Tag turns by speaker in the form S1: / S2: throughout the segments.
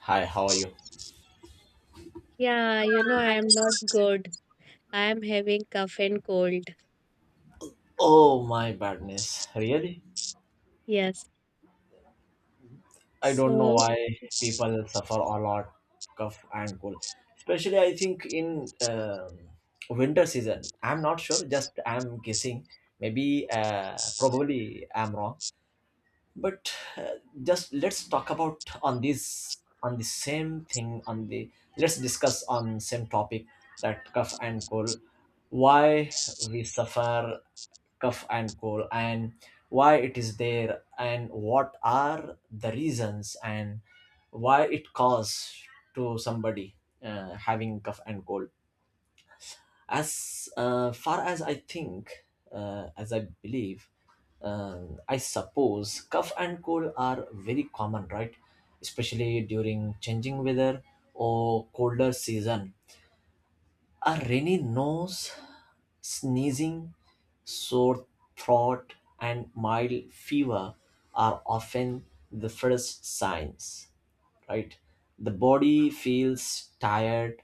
S1: Hi, how are you?
S2: Yeah, you know, I am not good. I am having cough and cold.
S1: Oh my badness. Really?
S2: Yes.
S1: I don't know
S2: So,
S1: why people suffer a lot cough and cold. Especially I think in winter season. I'm not sure, just I'm guessing. Maybe probably I'm wrong. But just let's talk about on this on the same thing on the let's discuss on same topic, that cough and cold, why we suffer cough and cold, and why it is there and what are the reasons and why it caused to somebody having cough and cold. As far as I think, as I believe, I suppose cough and cold are very common, right? Especially during changing weather or colder season, a rainy nose, sneezing, sore throat, and mild fever are often the first signs, right? The body feels tired,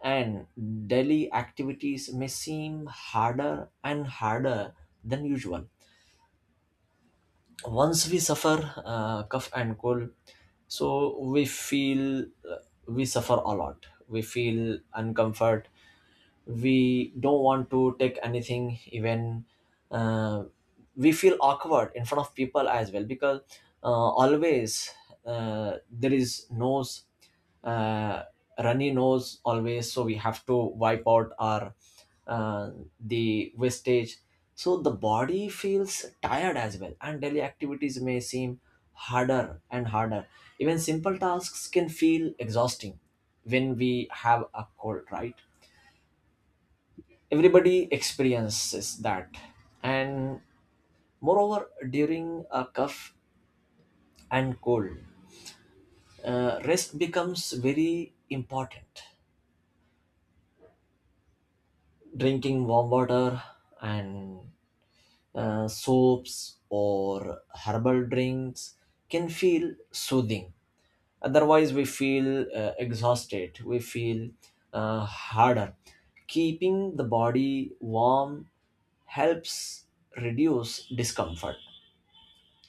S1: and daily activities may seem harder and harder than usual. Once we suffer cough and cold, so we feel we suffer a lot, we feel uncomfort, we don't want to take anything even, uh, we feel awkward in front of people as well, because uh, always there is nose, uh, runny nose always, so we have to wipe out our uh, the wastage. So the body feels tired as well, and daily activities may seem harder and harder. Even simple tasks can feel exhausting when we have a cold, right? Everybody experiences that. And moreover, during a cough and cold, rest becomes very important. Drinking warm water and soaps or herbal drinks can feel soothing. Otherwise we feel exhausted, we feel harder. Keeping the body warm helps reduce discomfort.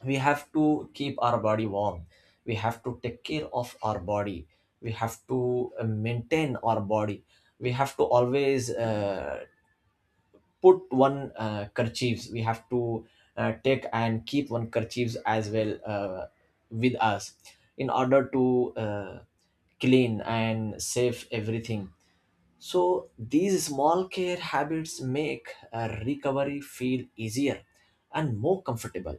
S1: We have to keep our body warm, we have to take care of our body, we have to maintain our body, we have to always put one kerchiefs, we have to take and keep one kerchiefs as well with us, in order to clean and save everything. So these small care habits make a recovery feel easier and more comfortable.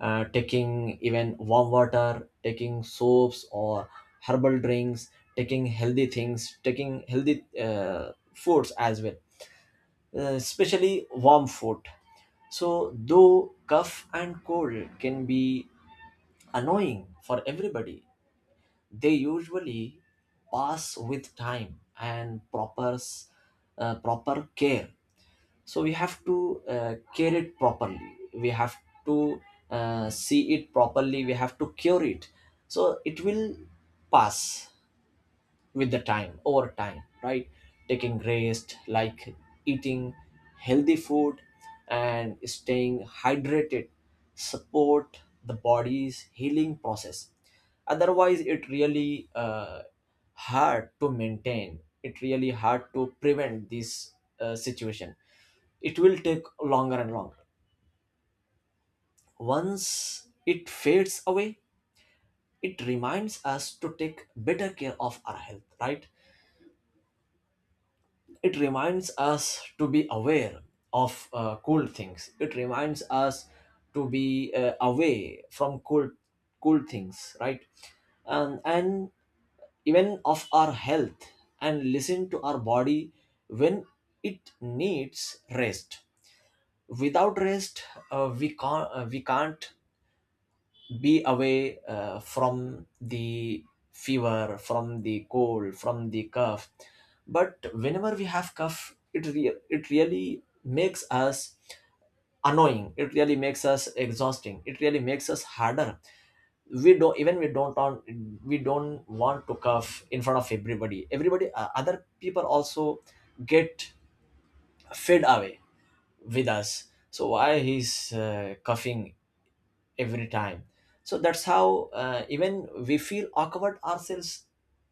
S1: Uh, taking even warm water, taking soaps or herbal drinks, taking healthy things, taking healthy foods as well, especially warm food. So, though cough and cold can be annoying for everybody, they usually pass with time and proper care. So we have to care it properly, we have to see it properly, we have to cure it, so it will pass with the time, over time, right? Taking rest, like eating healthy food and staying hydrated, support the body's healing process. Otherwise it really hard to maintain, it really hard to prevent this situation, it will take longer and longer. Once it fades away, it reminds us to take better care of our health, right? It reminds us to be aware of cool things. It reminds us to be away from cool, cool things, right? And even of our health, and listen to our body when it needs rest. Without rest, we can't be away from the fever, from the cold, from the cough. But whenever we have cough, it really makes us annoying, it really makes us exhausting, it really makes us harder. We don't even we don't on we don't want to cough in front of everybody. Everybody, other people also get fed away with us, so why he's coughing every time? So that's how, even we feel awkward ourselves,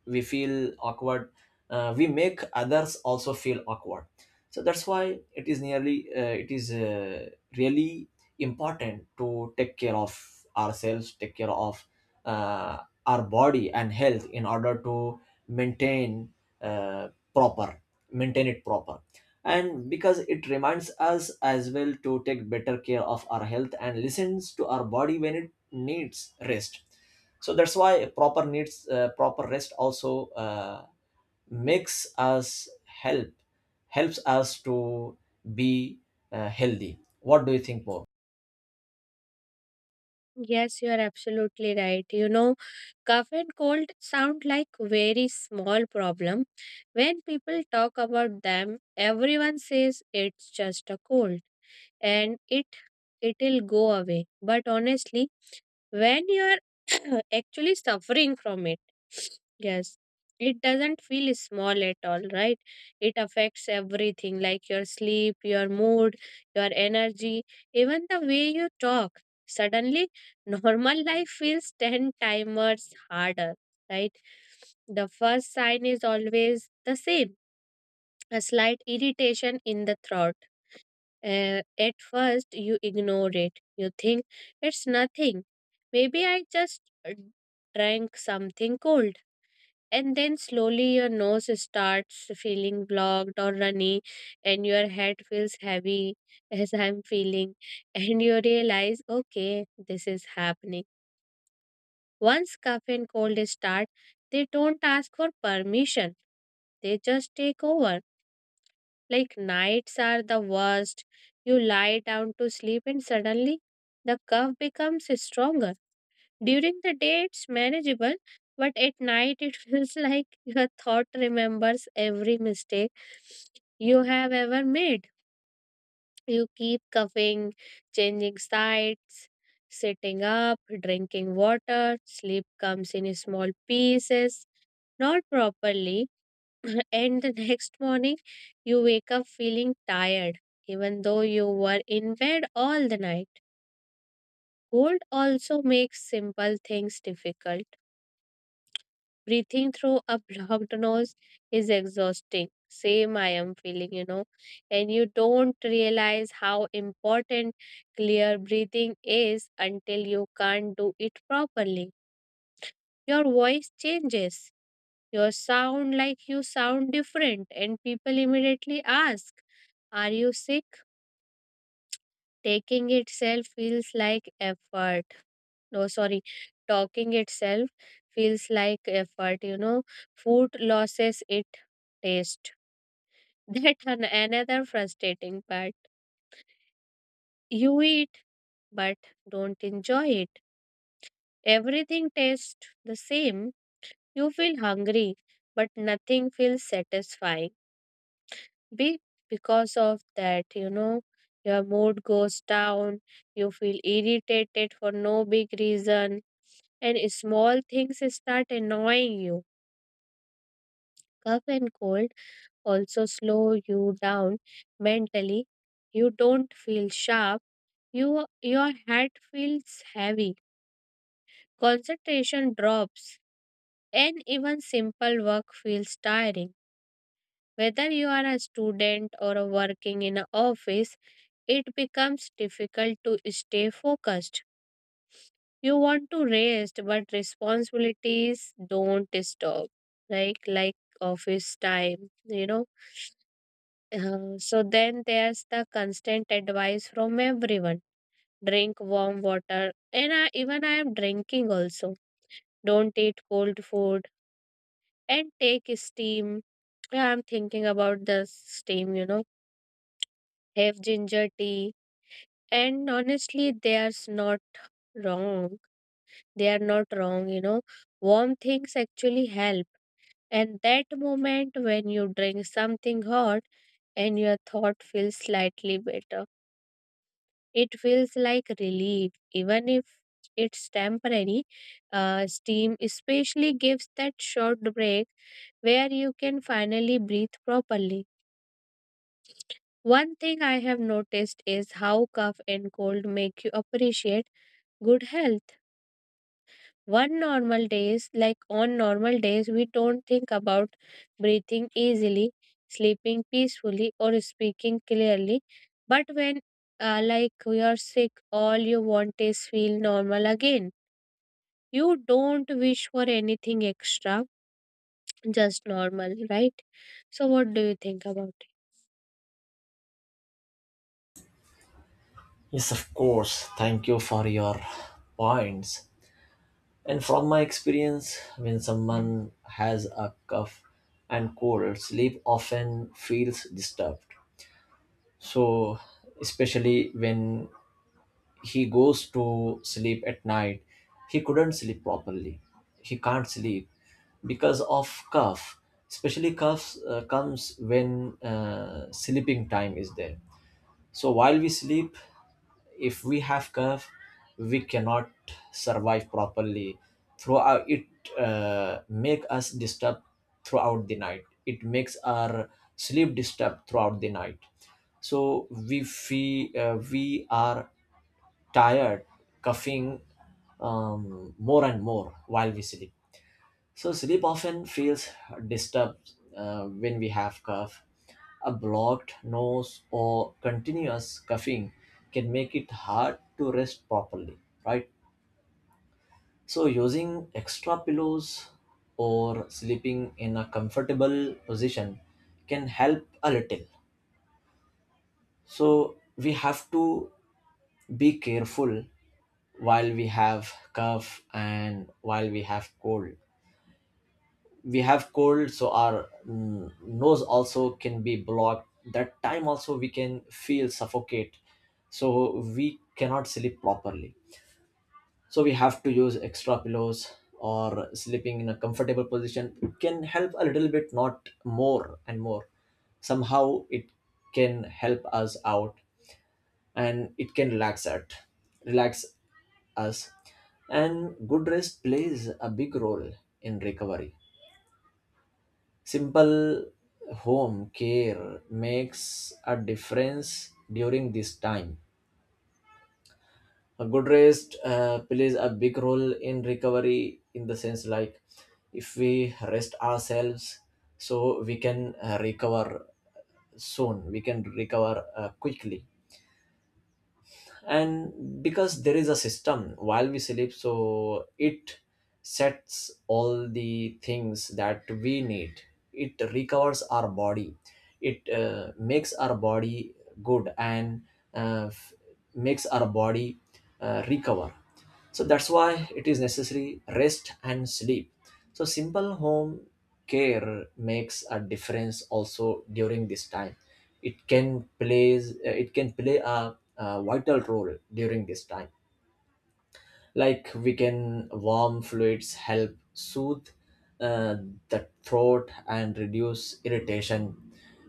S1: we feel awkward, we make others also feel awkward. So that's why it is nearly it is really important to take care of ourselves, take care of uh, our body and health, in order to maintain uh, proper, maintain it proper. And because it reminds us as well to take better care of our health and listens to our body when it needs rest. So that's why proper needs proper rest also makes us help, helps us to be healthy. What do you think more?
S2: yes, you are absolutely right. You know, cough and cold sound like very small problem. When people talk about them, everyone says it's just a cold and it'll go away. But honestly, when you're actually suffering from it. Yes, it doesn't feel small at all, right? It affects everything like your sleep, your mood, your energy, even the way you talk. Suddenly, normal life feels 10 timers harder, right? The first sign is always the same, a slight irritation in the throat. At first, you ignore it. You think it's nothing. Maybe I just drank something cold. And then slowly your nose starts feeling blocked or runny, and your head feels heavy as I'm feeling. And you realize, okay, this is happening. Once cough and cold start, they don't ask for permission, they just take over. Like nights are the worst. You lie down to sleep and suddenly the cough becomes stronger. During the day it's manageable, but at night it feels like your thought remembers every mistake you have ever made. You keep coughing, changing sides, sitting up, drinking water. Sleep comes in small pieces, not properly. And the next morning you wake up feeling tired even though you were in bed all the night. Cold also makes simple things difficult. Breathing through a blocked nose is exhausting. Same I am feeling, you know, and you don't realize how important clear breathing is until you can't do it properly. Your voice changes. You sound different, and people immediately ask, "Are you sick?" Taking itself feels like effort. No, sorry, talking itself feels like effort. You know, food loses its taste. That another frustrating part. You eat, but don't enjoy it. Everything tastes the same. You feel hungry, but nothing feels satisfying be because of that. Your mood goes down, you feel irritated for no big reason, and small things start annoying you. Cough and cold also slow you down mentally. You don't feel sharp, your head feels heavy, concentration drops, and even simple work feels tiring. Whether you are a student or a working in an office, it becomes difficult to stay focused. You want to rest, but responsibilities don't stop, like office time, you know. So then there's the constant advice from everyone: drink warm water, and even I am drinking also. Don't eat cold food and take steam. Yeah, I'm thinking about the steam. Have ginger tea, and honestly, there's not wrong they are not wrong. Warm things actually help, and that moment when you drink something hot and your thought feels slightly better, it feels like relief even if it's temporary. Steam especially gives that short break where you can finally breathe properly. One thing I have noticed is how cough and cold make you appreciate good health. One normal days, like On normal days, we don't think about breathing easily, sleeping peacefully, or speaking clearly. But when, like, we are sick, all you want is feel normal again. You don't wish for anything extra, just normal, right? So, what do you think about it?
S1: Yes, of course, thank you for your points. And from my experience, when someone has a cough and cold, sleep often feels disturbed. So especially when he goes to sleep at night, he couldn't sleep properly, he can't sleep because of cough. Especially coughs comes when sleeping time is there. So while we sleep, if we have curve, we cannot survive properly throughout it. Uh, make us disturbed throughout the night. It makes our sleep disturbed throughout the night. So we feel we are tired, coughing more and more while we sleep. So sleep often feels disturbed when we have cough. A blocked nose or continuous coughing can make it hard to rest properly, right? So using extra pillows or sleeping in a comfortable position can help a little. So we have to be careful while we have cough and while we have cold. We have cold, so our nose also can be blocked. That time also we can feel suffocate, so we cannot sleep properly. So we have to use extra pillows or sleeping in a comfortable position, can help a little bit, not more and more. Somehow it can help us out, and it can relax at, relax us. And good rest plays a big role in recovery. Simple home care makes a difference during this time. A good rest plays a big role in recovery, in the sense like, if we rest ourselves, so we can recover soon, we can recover quickly. And because there is a system while we sleep, so it sets all the things that we need, it recovers our body, it makes our body good, and uh, f- makes our body recover. So that's why it is necessary, rest and sleep. So simple home care makes a difference also during this time. It can plays it can play a vital role during this time. Like we can, warm fluids help soothe uh, the throat and reduce irritation.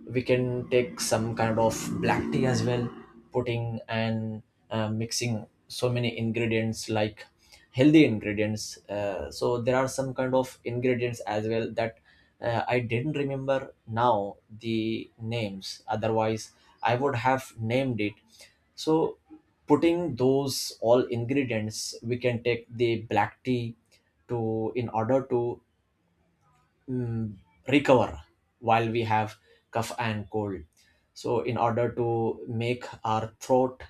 S1: We can take some kind of black tea as well, putting and mixing so many ingredients like healthy ingredients. Uh, so there are some kind of ingredients as well that I didn't remember now the names, otherwise I would have named it. So putting those all ingredients, we can take the black tea, to, in order to mm, recover while we have cough and cold. So in order to make our throat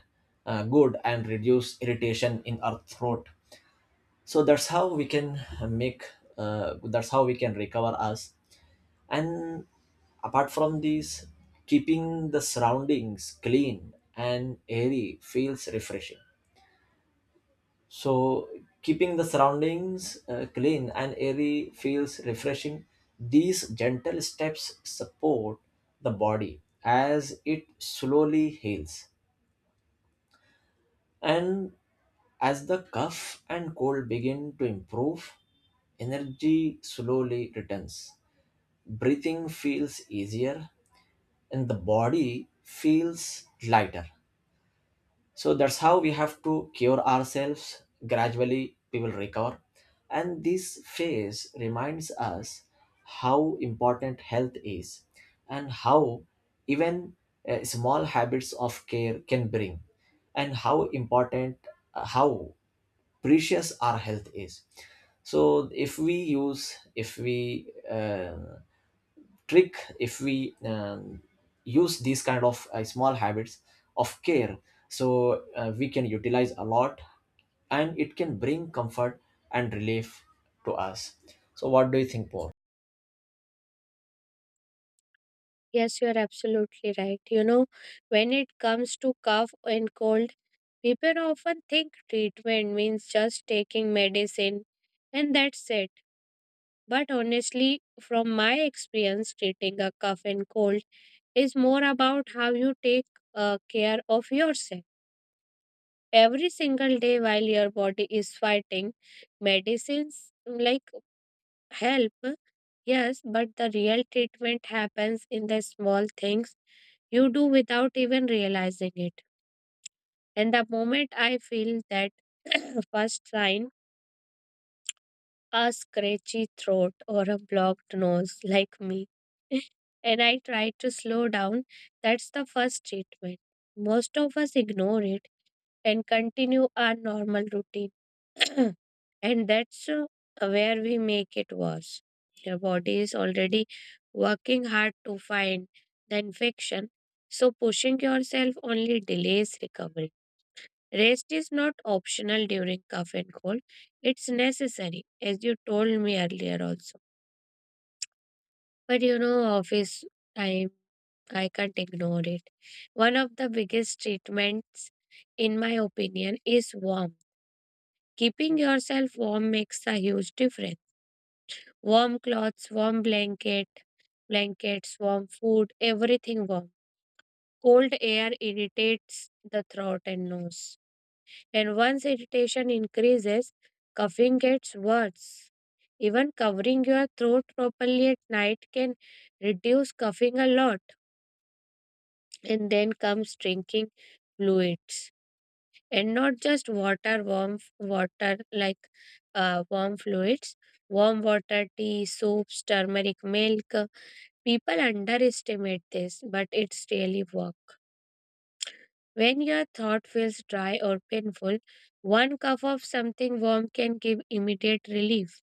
S1: good and reduce irritation in our throat. So that's how we can make. That's how we can recover us. And apart from these, keeping the surroundings clean and airy feels refreshing. So, keeping the surroundings clean and airy feels refreshing. These gentle steps support the body as it slowly heals. And as the cough and cold begin to improve, energy slowly returns. Breathing feels easier and the body feels lighter. So that's how we have to cure ourselves, gradually we will recover. And this phase reminds us how important health is, and how, even small habits of care can bring, and how important, how precious our health is. So if we use, if we use these kind of small habits of care, so we can utilize a lot, and it can bring comfort and relief to us. So what do you think, Paul?
S2: Yes, you are absolutely right. You know, when it comes to cough and cold, people often think treatment means just taking medicine and that's it. But honestly, from my experience, treating a cough and cold is more about how you take care of yourself. Every single day while your body is fighting, medicines like help, yes, but the real treatment happens in the small things you do without even realizing it. And the moment I feel that first sign, a scratchy throat or a blocked nose like me. And I tried to slow down. That's the first treatment. Most of us ignore it and continue our normal routine. And that's where we make it worse. Your body is already working hard to find the infection, so pushing yourself only delays recovery. Rest is not optional during cough and cold. It's necessary, as you told me earlier also. But you know, office time, I can't ignore it. One of the biggest treatments, in my opinion, is warm. Keeping yourself warm makes a huge difference. Warm clothes, warm blanket, blankets, warm food, everything warm. Cold air irritates the throat and nose. And once irritation increases, coughing gets worse. Even covering your throat properly at night can reduce coughing a lot. And then comes drinking fluids. And not just water, water like warm fluids, warm water, tea, soups, turmeric milk. People underestimate this, but it's really work. When your thought feels dry or painful, one cup of something warm can give immediate relief.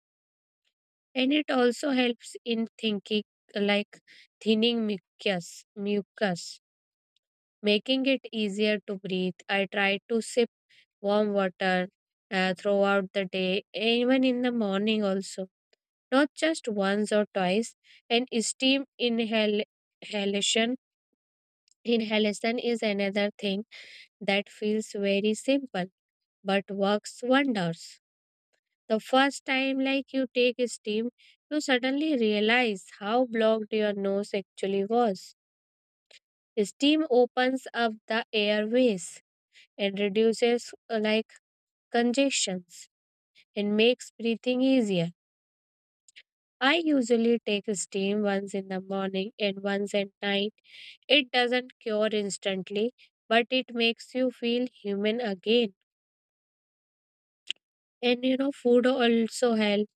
S2: And it also helps in thinking like thinning mucus, making it easier to breathe. I try to sip warm water throughout the day, even in the morning also, not just once or twice. And steam inhalation, inhalation is another thing that feels very simple but works wonders. The first time like you take steam, you suddenly realize how blocked your nose actually was. Steam opens up the airways and reduces like congestions and makes breathing easier. I usually take steam once in the morning and once at night. It doesn't cure instantly, but it makes you feel human again. And you know, food also helps,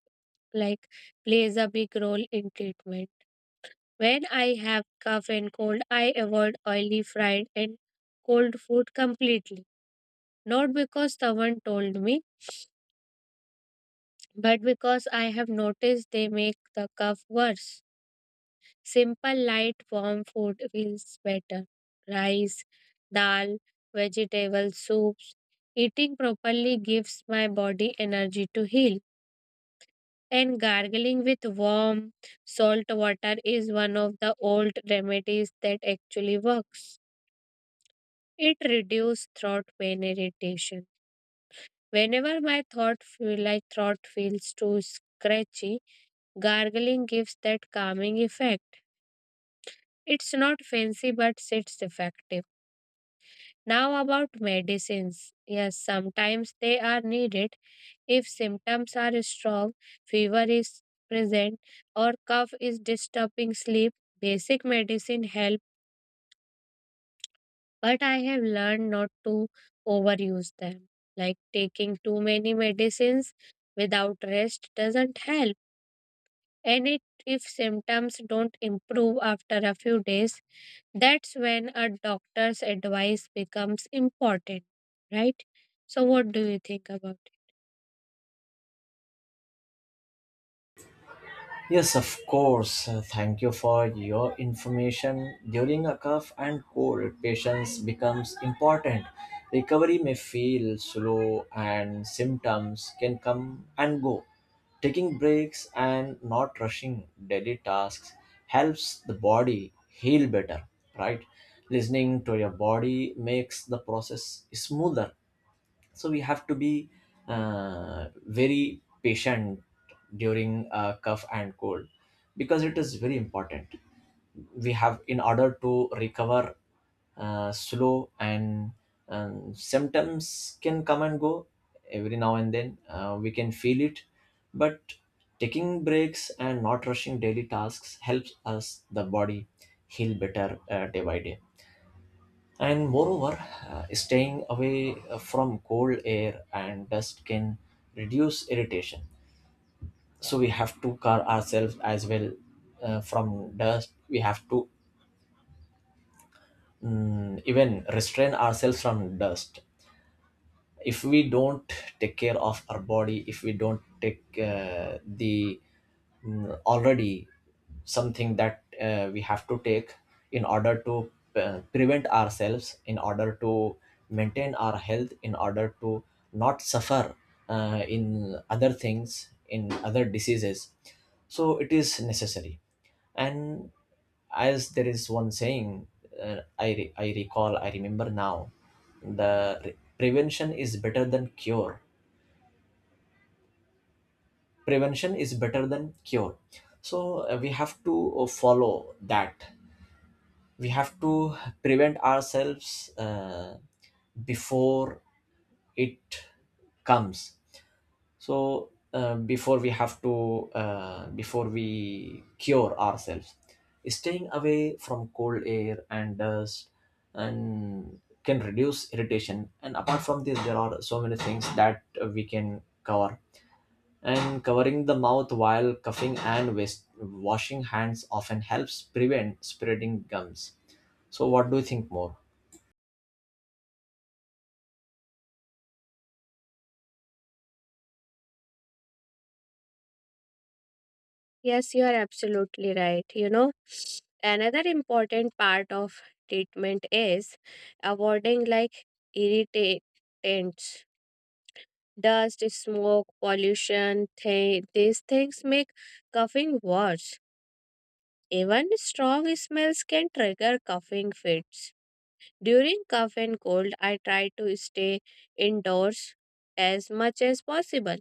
S2: like plays a big role in treatment. When I have cough and cold, I avoid oily, fried, and cold food completely. Not because someone told me, but because I have noticed they make the cough worse. Simple, light, warm food feels better. Rice, dal, vegetable soups. Eating properly gives my body energy to heal. And gargling with warm salt water is one of the old remedies that actually works. It reduces throat pain irritation. Whenever my throat feels too scratchy, gargling gives that calming effect. It's not fancy but it's effective. Now about medicines. Yes, sometimes they are needed. If symptoms are strong, fever is present, or cough is disturbing sleep, basic medicine help, but I have learned not to overuse them. Like taking too many medicines without rest doesn't help. And if symptoms don't improve after a few days, that's when a doctor's advice becomes important, right? So, what do you think about it?
S1: Yes, of course. Thank you for your information. During a cough and cold, patience becomes important. Recovery may feel slow and symptoms can come and go. Taking breaks and not rushing daily tasks helps the body heal better, right? Listening to your body makes the process smoother. So we have to be very patient during a cough and cold, because it is very important. We have, in order to recover slow, and symptoms can come and go every now and then, we can feel it. But taking breaks and not rushing daily tasks helps us the body heal better day by day. And moreover, staying away from cold air and dust can reduce irritation. So we have to guard ourselves as well from dust. We have to even restrain ourselves from dust. If we don't take care of our body, if we don't take the already something that we have to take, in order to prevent ourselves, in order to maintain our health, in order to not suffer in other things, in other diseases. So it is necessary. And as there is one saying, I recall, I remember now, prevention is better than cure, prevention is better than cure. So we have to follow that. We have to prevent ourselves before it comes. So before we have to before we cure ourselves, staying away from cold air and dust and can reduce irritation. And apart from this, there are so many things that we can cover. And covering the mouth while coughing and waste, washing hands often helps prevent spreading gums. So what do you think more?
S2: Yes, you are absolutely right. You know, another important part of treatment is avoiding like irritants, dust, smoke, pollution. These things make coughing worse. Even strong smells can trigger coughing fits. During cough and cold, I try to stay indoors as much as possible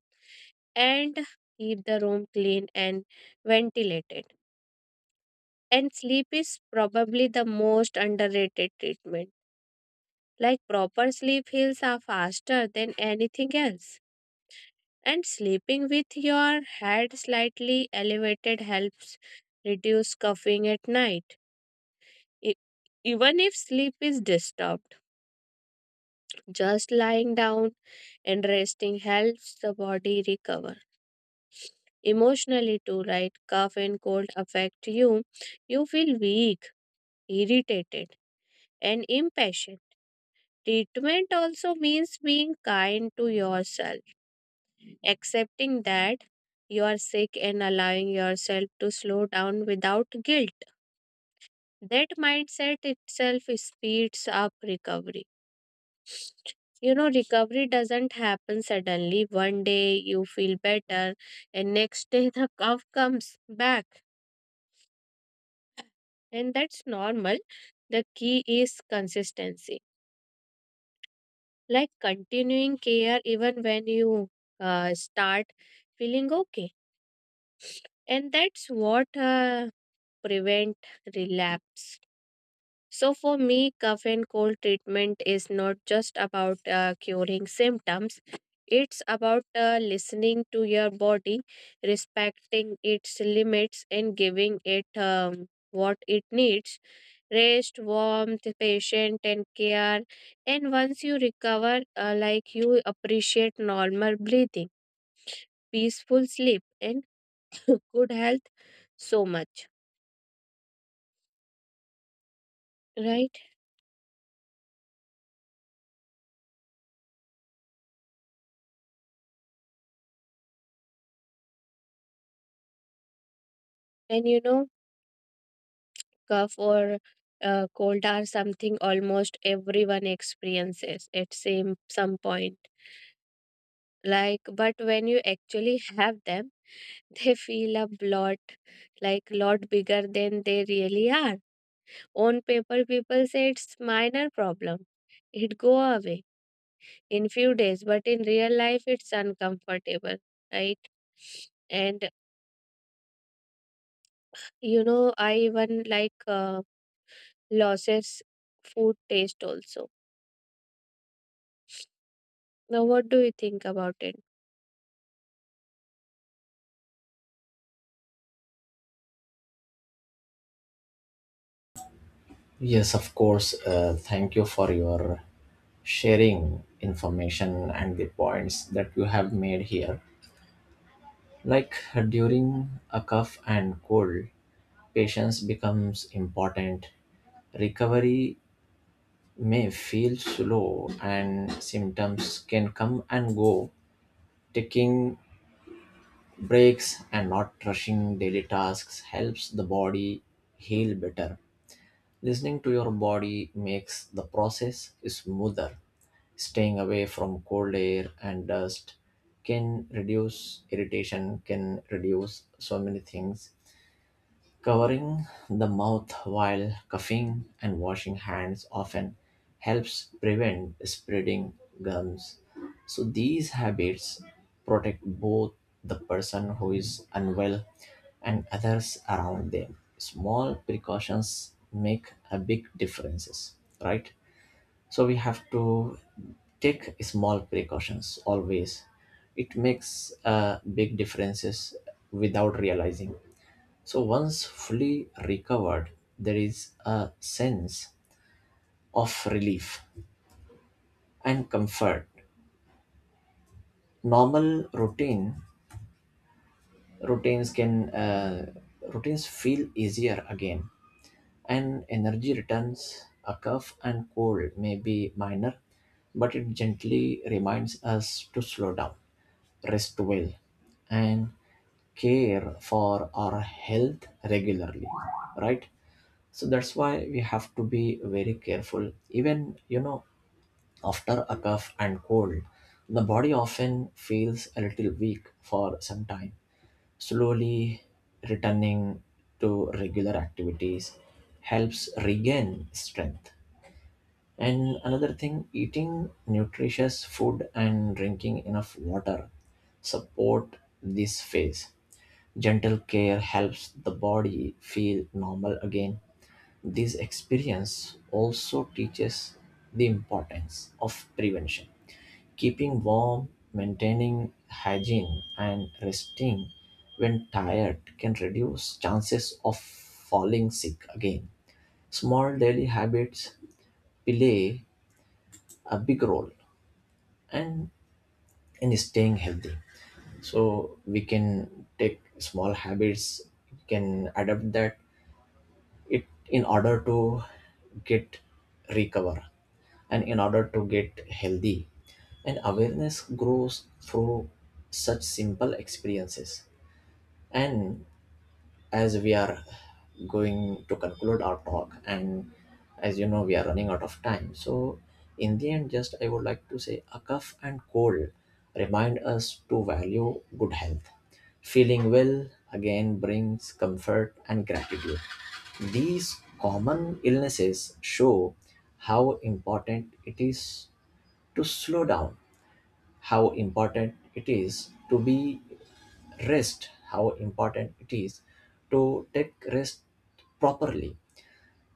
S2: and keep the room clean and ventilated. And sleep is probably the most underrated treatment. Like proper sleep heals are faster than anything else. And sleeping with your head slightly elevated helps reduce coughing at night. E- Even if sleep is disturbed, just lying down and resting helps the body recover. Emotionally, too, right? Cough and cold affect you. You feel weak, irritated, and impatient. Treatment also means being kind to yourself, accepting that you are sick and allowing yourself to slow down without guilt. That mindset itself speeds up recovery. You know, recovery doesn't happen suddenly. One day you feel better, and next day the cough comes back. And that's normal. The key is consistency, like continuing care even when you start feeling okay. And that's what prevent relapse. So, for me, cough and cold treatment is not just about curing symptoms, it's about listening to your body, respecting its limits, and giving it what it needs: rest, warmth, patient, and care. And once you recover, like you appreciate normal breathing, peaceful sleep, and good health so much, right? And you know, cough or cold are something almost everyone experiences at same some point, like, but when you actually have them they feel a lot bigger than they really are. On paper people say it's minor problem, it go away in few days, but in real life it's uncomfortable, right? And you know, I even like losses food taste also. Now, what do you think about it?
S1: Yes, of course. Thank you for your sharing information and the points that you have made here. Like, during a cough and cold, patience becomes important. Recovery may feel slow and symptoms can come and go. Taking breaks and not rushing daily tasks helps the body heal better. Listening to your body makes the process smoother. Staying away from cold air and dust can reduce irritation, can reduce so many things. Covering the mouth while coughing and washing hands often helps prevent spreading gums. So, these habits protect both the person who is unwell and others around them. Small precautions make a big differences, right? So we have to take small precautions always, it makes big differences without realizing. So once fully recovered, there is a sense of relief and comfort. Normal routine routines can routines feel easier again. And energy returns. A cough and cold may be minor, but it gently reminds us to slow down, rest well, and care for our health regularly, right? So that's why we have to be very careful. Even, you know, after a cough and cold, the body often feels a little weak for some time. Slowly returning to regular activities helps regain strength. And another thing, eating nutritious food and drinking enough water support this phase. Gentle care helps the body feel normal again. This experience also teaches the importance of prevention. Keeping warm, maintaining hygiene, and resting when tired can reduce chances of falling sick again. Small daily habits play a big role and in staying healthy. So we can take small habits, we can adapt that it, in order to get recover, and in order to get healthy. And awareness grows through such simple experiences. And as we are going to conclude our talk, and as you know we are running out of time, so in the end, just I would like to say, a cough and cold remind us to value good health. Feeling well again brings comfort and gratitude. These common illnesses show how important it is to slow down, how important it is to be rest, how important it is to take rest properly.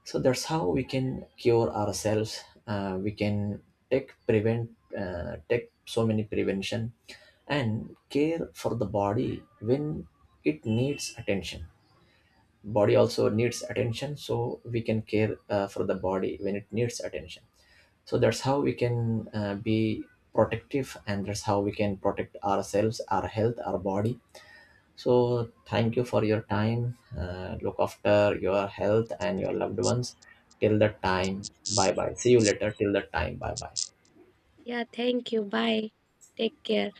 S1: So that's how we can cure ourselves. Uh, we can take prevent, take so many prevention, and care for the body when it needs attention. Body also needs attention, so we can care for the body when it needs attention. So that's how we can be protective, and that's how we can protect ourselves, our health, our body. So thank you for your time. Uh, look after your health and your loved ones. Till the time, bye bye, see you later, till the time, bye bye.
S2: Yeah, thank you. Bye. Take care.